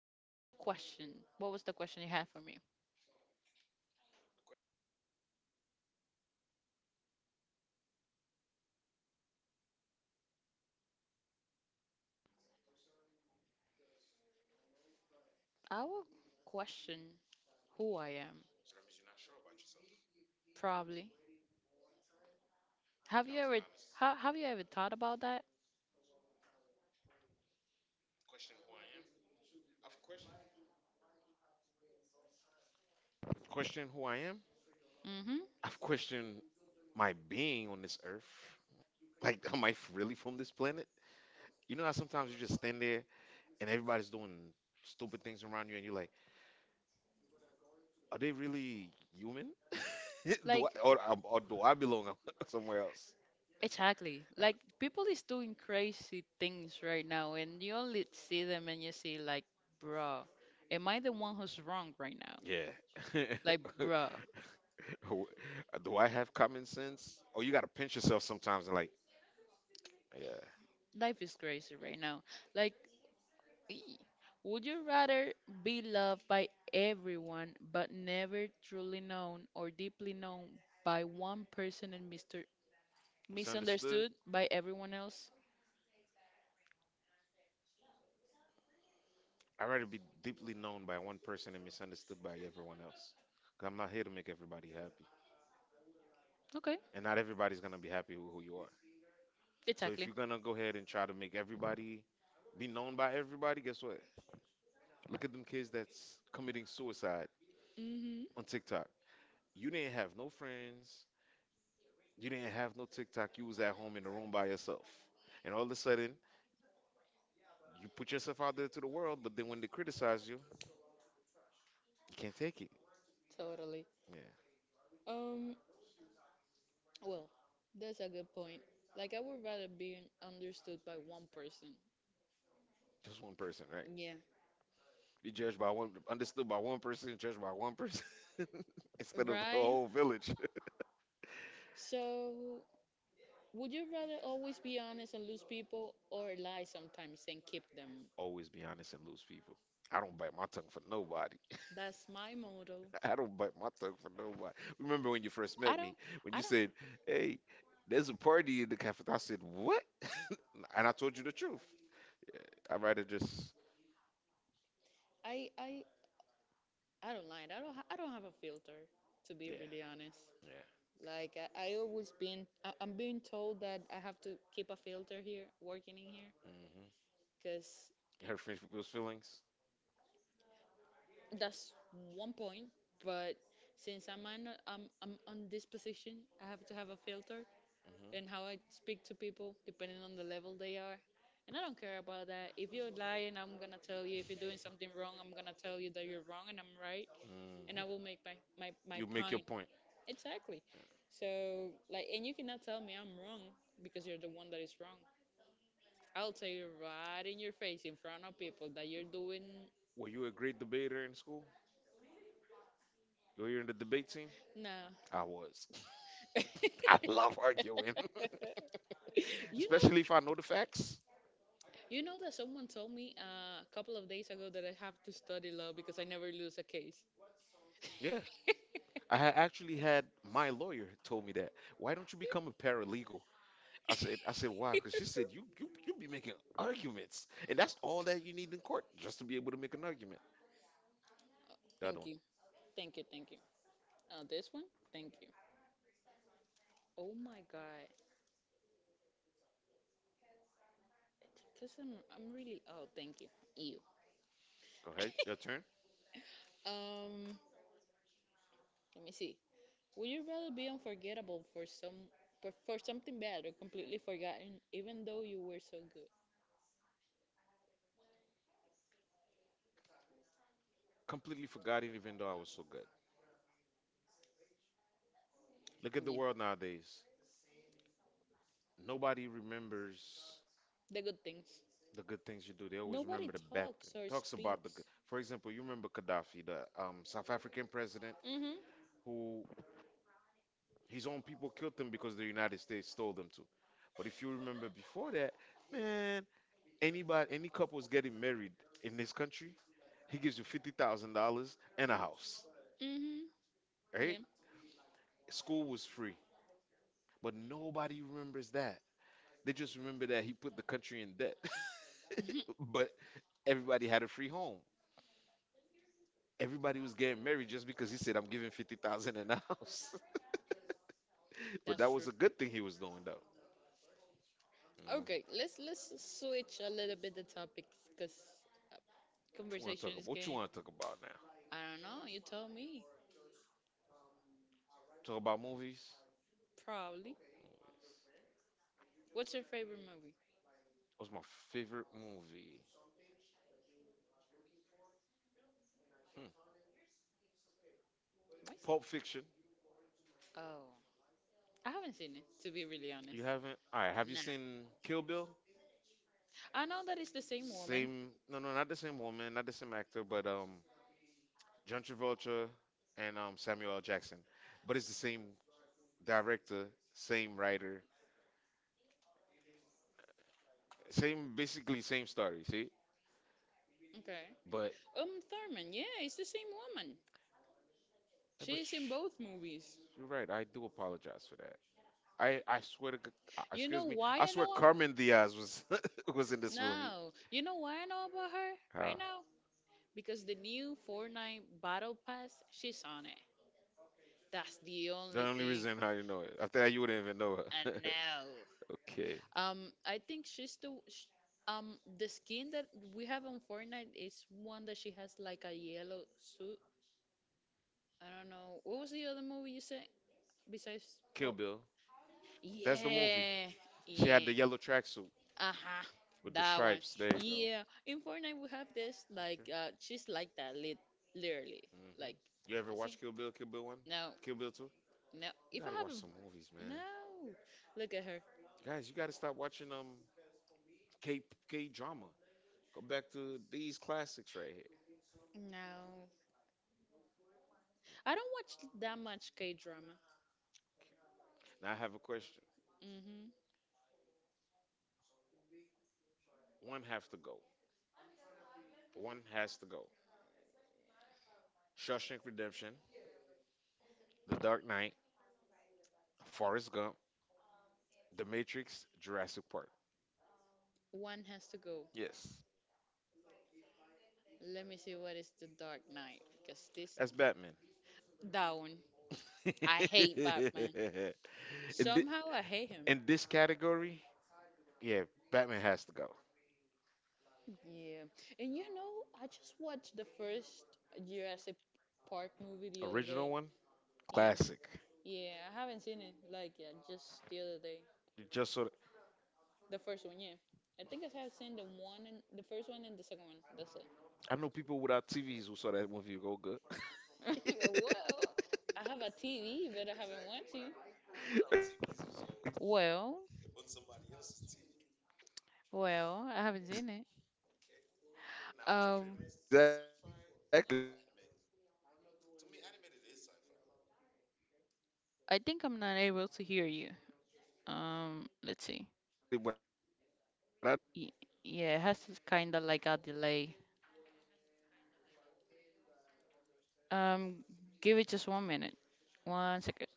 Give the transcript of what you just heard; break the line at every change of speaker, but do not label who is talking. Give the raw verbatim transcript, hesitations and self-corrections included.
your question, what was the question you had for me? I will question who I am, probably. Have you ever ha have you ever thought about that?
Question who I am.
Mm-hmm.
I've questioned my being on this earth. Like, am I f- really from this planet? You know how sometimes you just stand there and everybody's doing stupid things around you, and you're like, are they really human?
Like
do I or, um, or do I belong somewhere else?
exactly. Like people is doing crazy things right now, and you only see them and you see like, bruh, am I the one who's wrong right now?
Yeah.
Like, bruh,
W- do I have common sense? Or you gotta pinch yourself sometimes and like, yeah.
life is crazy right now. Like Ee. Would you rather be loved by everyone but never truly known or deeply known by one person and mister
Misunderstood.
misunderstood by everyone else?
I'd rather be deeply known by one person and misunderstood by everyone else. Cause I'm not here to make everybody happy.
Okay,
And not everybody's gonna be happy with who you are. So if
exactly.
you're gonna go ahead and try to make everybody be known by everybody, guess what? Look at them kids that's committing suicide
Mm-hmm,
on TikTok. You didn't have no friends. You didn't have no TikTok. You was at home in the room by yourself. And all of a sudden, you put yourself out there to the world, but then when they criticize you, you can't take it.
totally.
Yeah.
Um, well, that's a good point. Like, I would rather be understood by one person.
Just one person, right?
Yeah.
You judged by one, understood by one person, judged by one person instead of the
Right?
whole village.
So, would you rather always be honest and lose people or lie sometimes and keep them?
Always be honest and lose people. I don't bite my tongue for nobody.
That's my motto.
I don't bite my tongue for nobody. Remember when you first
I
met me,
don't.
when
I
you
don't.
said, "Hey, there's a party in the cafe." I said, "What?" And I told you the truth. I'd rather just,
I. I. I don't like. I don't. ha- I don't have a filter, to be
yeah,
really honest.
yeah.
Like I, I always been. I, I'm being told that I have to keep a filter here, working in here,
Hmm.
because
Hurt French people's feelings.
that's one point. But since I'm on, I'm I'm on this position, I have to have a filter
Hmm.
and how I speak to people, depending on the level they are. And I don't care about that. If you're lying, I'm gonna tell you. If you're doing something wrong, I'm gonna tell you that you're wrong and I'm right. And I
Hmm.
will make my my my
You make your
point.
point.
Exactly. So like, and you cannot tell me I'm wrong because you're the one that is wrong. I'll tell you right in your face, in front of people, that you're doing
Were you a great debater in school? You were in the debate team?
nah.
I was. I love arguing,
you know,
especially if I know the facts.
you know that someone told me uh, a couple of days ago that I have to study law because I never lose a case.
Yeah. I had actually had my lawyer told me that. Why don't you become a paralegal? I said, I said, why? Because she said you you you be making arguments, and that's all that you need in court, just to be able to make an argument.
Oh,
The other
thank
one.
you, thank you, thank you. Oh, this one, thank you. Oh my god, because I'm I'm really oh thank you. You.
Go ahead, your turn.
Um, Let me see. Would you rather be unforgettable for some for, for something bad or completely forgotten even though you were so good?
Completely forgot it, even though I was so good. Look at the world
Yeah.
nowadays. Nobody remembers
The good things.
the good things you do. They always
Nobody
remember the bad thing.
talks or
Talks about the good.
speaks.
For example, you remember Gaddafi, the um, South African president
Mhm.
who His own people killed them because the United States told them to. But if you remember before that, man, anybody, any couple's getting married in this country, he gives you fifty thousand dollars and a house,
Mhm. Right? Yeah.
right?
Right?
School was free, but nobody remembers that. They just remember that he put the country in debt, but everybody had a free home. Everybody was getting married just because he said, "I'm giving fifty thousand and a house." but
That's
that
true.
was a good thing he was doing, though. You know?
Okay, let's let's switch a little bit the topics because what you want to,
What you want to talk
conversation
about?
is
What you
getting.
want to talk about now?
I don't know. You tell me.
Talk about movies.
Probably.
Movies.
What's your favorite movie?
What's my favorite movie? Hmm.
Mine?
Pulp Fiction.
Oh. I haven't seen it, to be really honest.
You haven't? All right. Have you
Nah.
seen Kill Bill?
I know that it's the same woman.
Same. No, no, not the same woman, not the same actor, but um, John Travolta and um Samuel L. Jackson. But it's the same director, same writer, same basically same story. See?
Okay.
But
Um, Thurman, yeah, it's the same woman.
eh, but
She's in
shh.
both movies.
You're right. I do apologize for that. I I swear to g- uh,
You know
excuse me.
why
I
I
swear
know? ab-
Carmen Diaz was was in this movie.
No. You know why I know about her right
How?
now? Because the new Fortnite Battle Pass, she's on it. That's the
The
only
only
thing
reason how you know it. After that, you wouldn't even know
I
her.
know.
Okay.
Um, I think she's the sh um the skin that we have on Fortnite is one that she has like a yellow suit. I don't know. What was the other movie you said besides
Kill
Pulp?
Bill.
Bill. Yeah,
That's the movie.
had
She
yeah.
had the yellow tracksuit
Uh-huh.
with the
That one.
stripes. There you go.
Yeah. In Fortnite we have this like
Okay.
uh she's like that lit literally.
Hmm.
Like
You ever
you see?
watch Kill Bill? Kill Bill one?
Watch no,
Kill Bill two?
no.
You
If I
gotta watch
haven't
some movies, man.
no. Look at her.
Guys, you gotta stop watching um K K drama. Go back to these classics right here.
No. I don't watch that much K drama.
Now I have a question.
Mm-hmm.
One have to go. One has to go. Shawshank Redemption, The Dark Knight, Forrest Gump, The Matrix, Jurassic Park.
One has to go.
Yes.
Let me see what is the Dark Knight because this
That's Batman.
that one. I hate Batman.
and,
Somehow I hate him.
In this category, yeah, Batman has to go.
Yeah. And you know, I just watched the first Jurassic Park movie the other
Original
day.
one, classic.
Yeah, I haven't seen it like yet, just the other day.
You just saw.
The first one, yeah. I think I have seen the one and the first one and the second one. That's it.
I know people without T Vs who saw that movie go good.
Well, I have a T V, but I
exactly.
haven't watched it. Well,
On somebody else's T V.
well, I haven't seen it. Um, I think I'm not able to hear you. Um, let's see. Y- yeah, it has kind of like a delay. Um, give it just one minute. One second.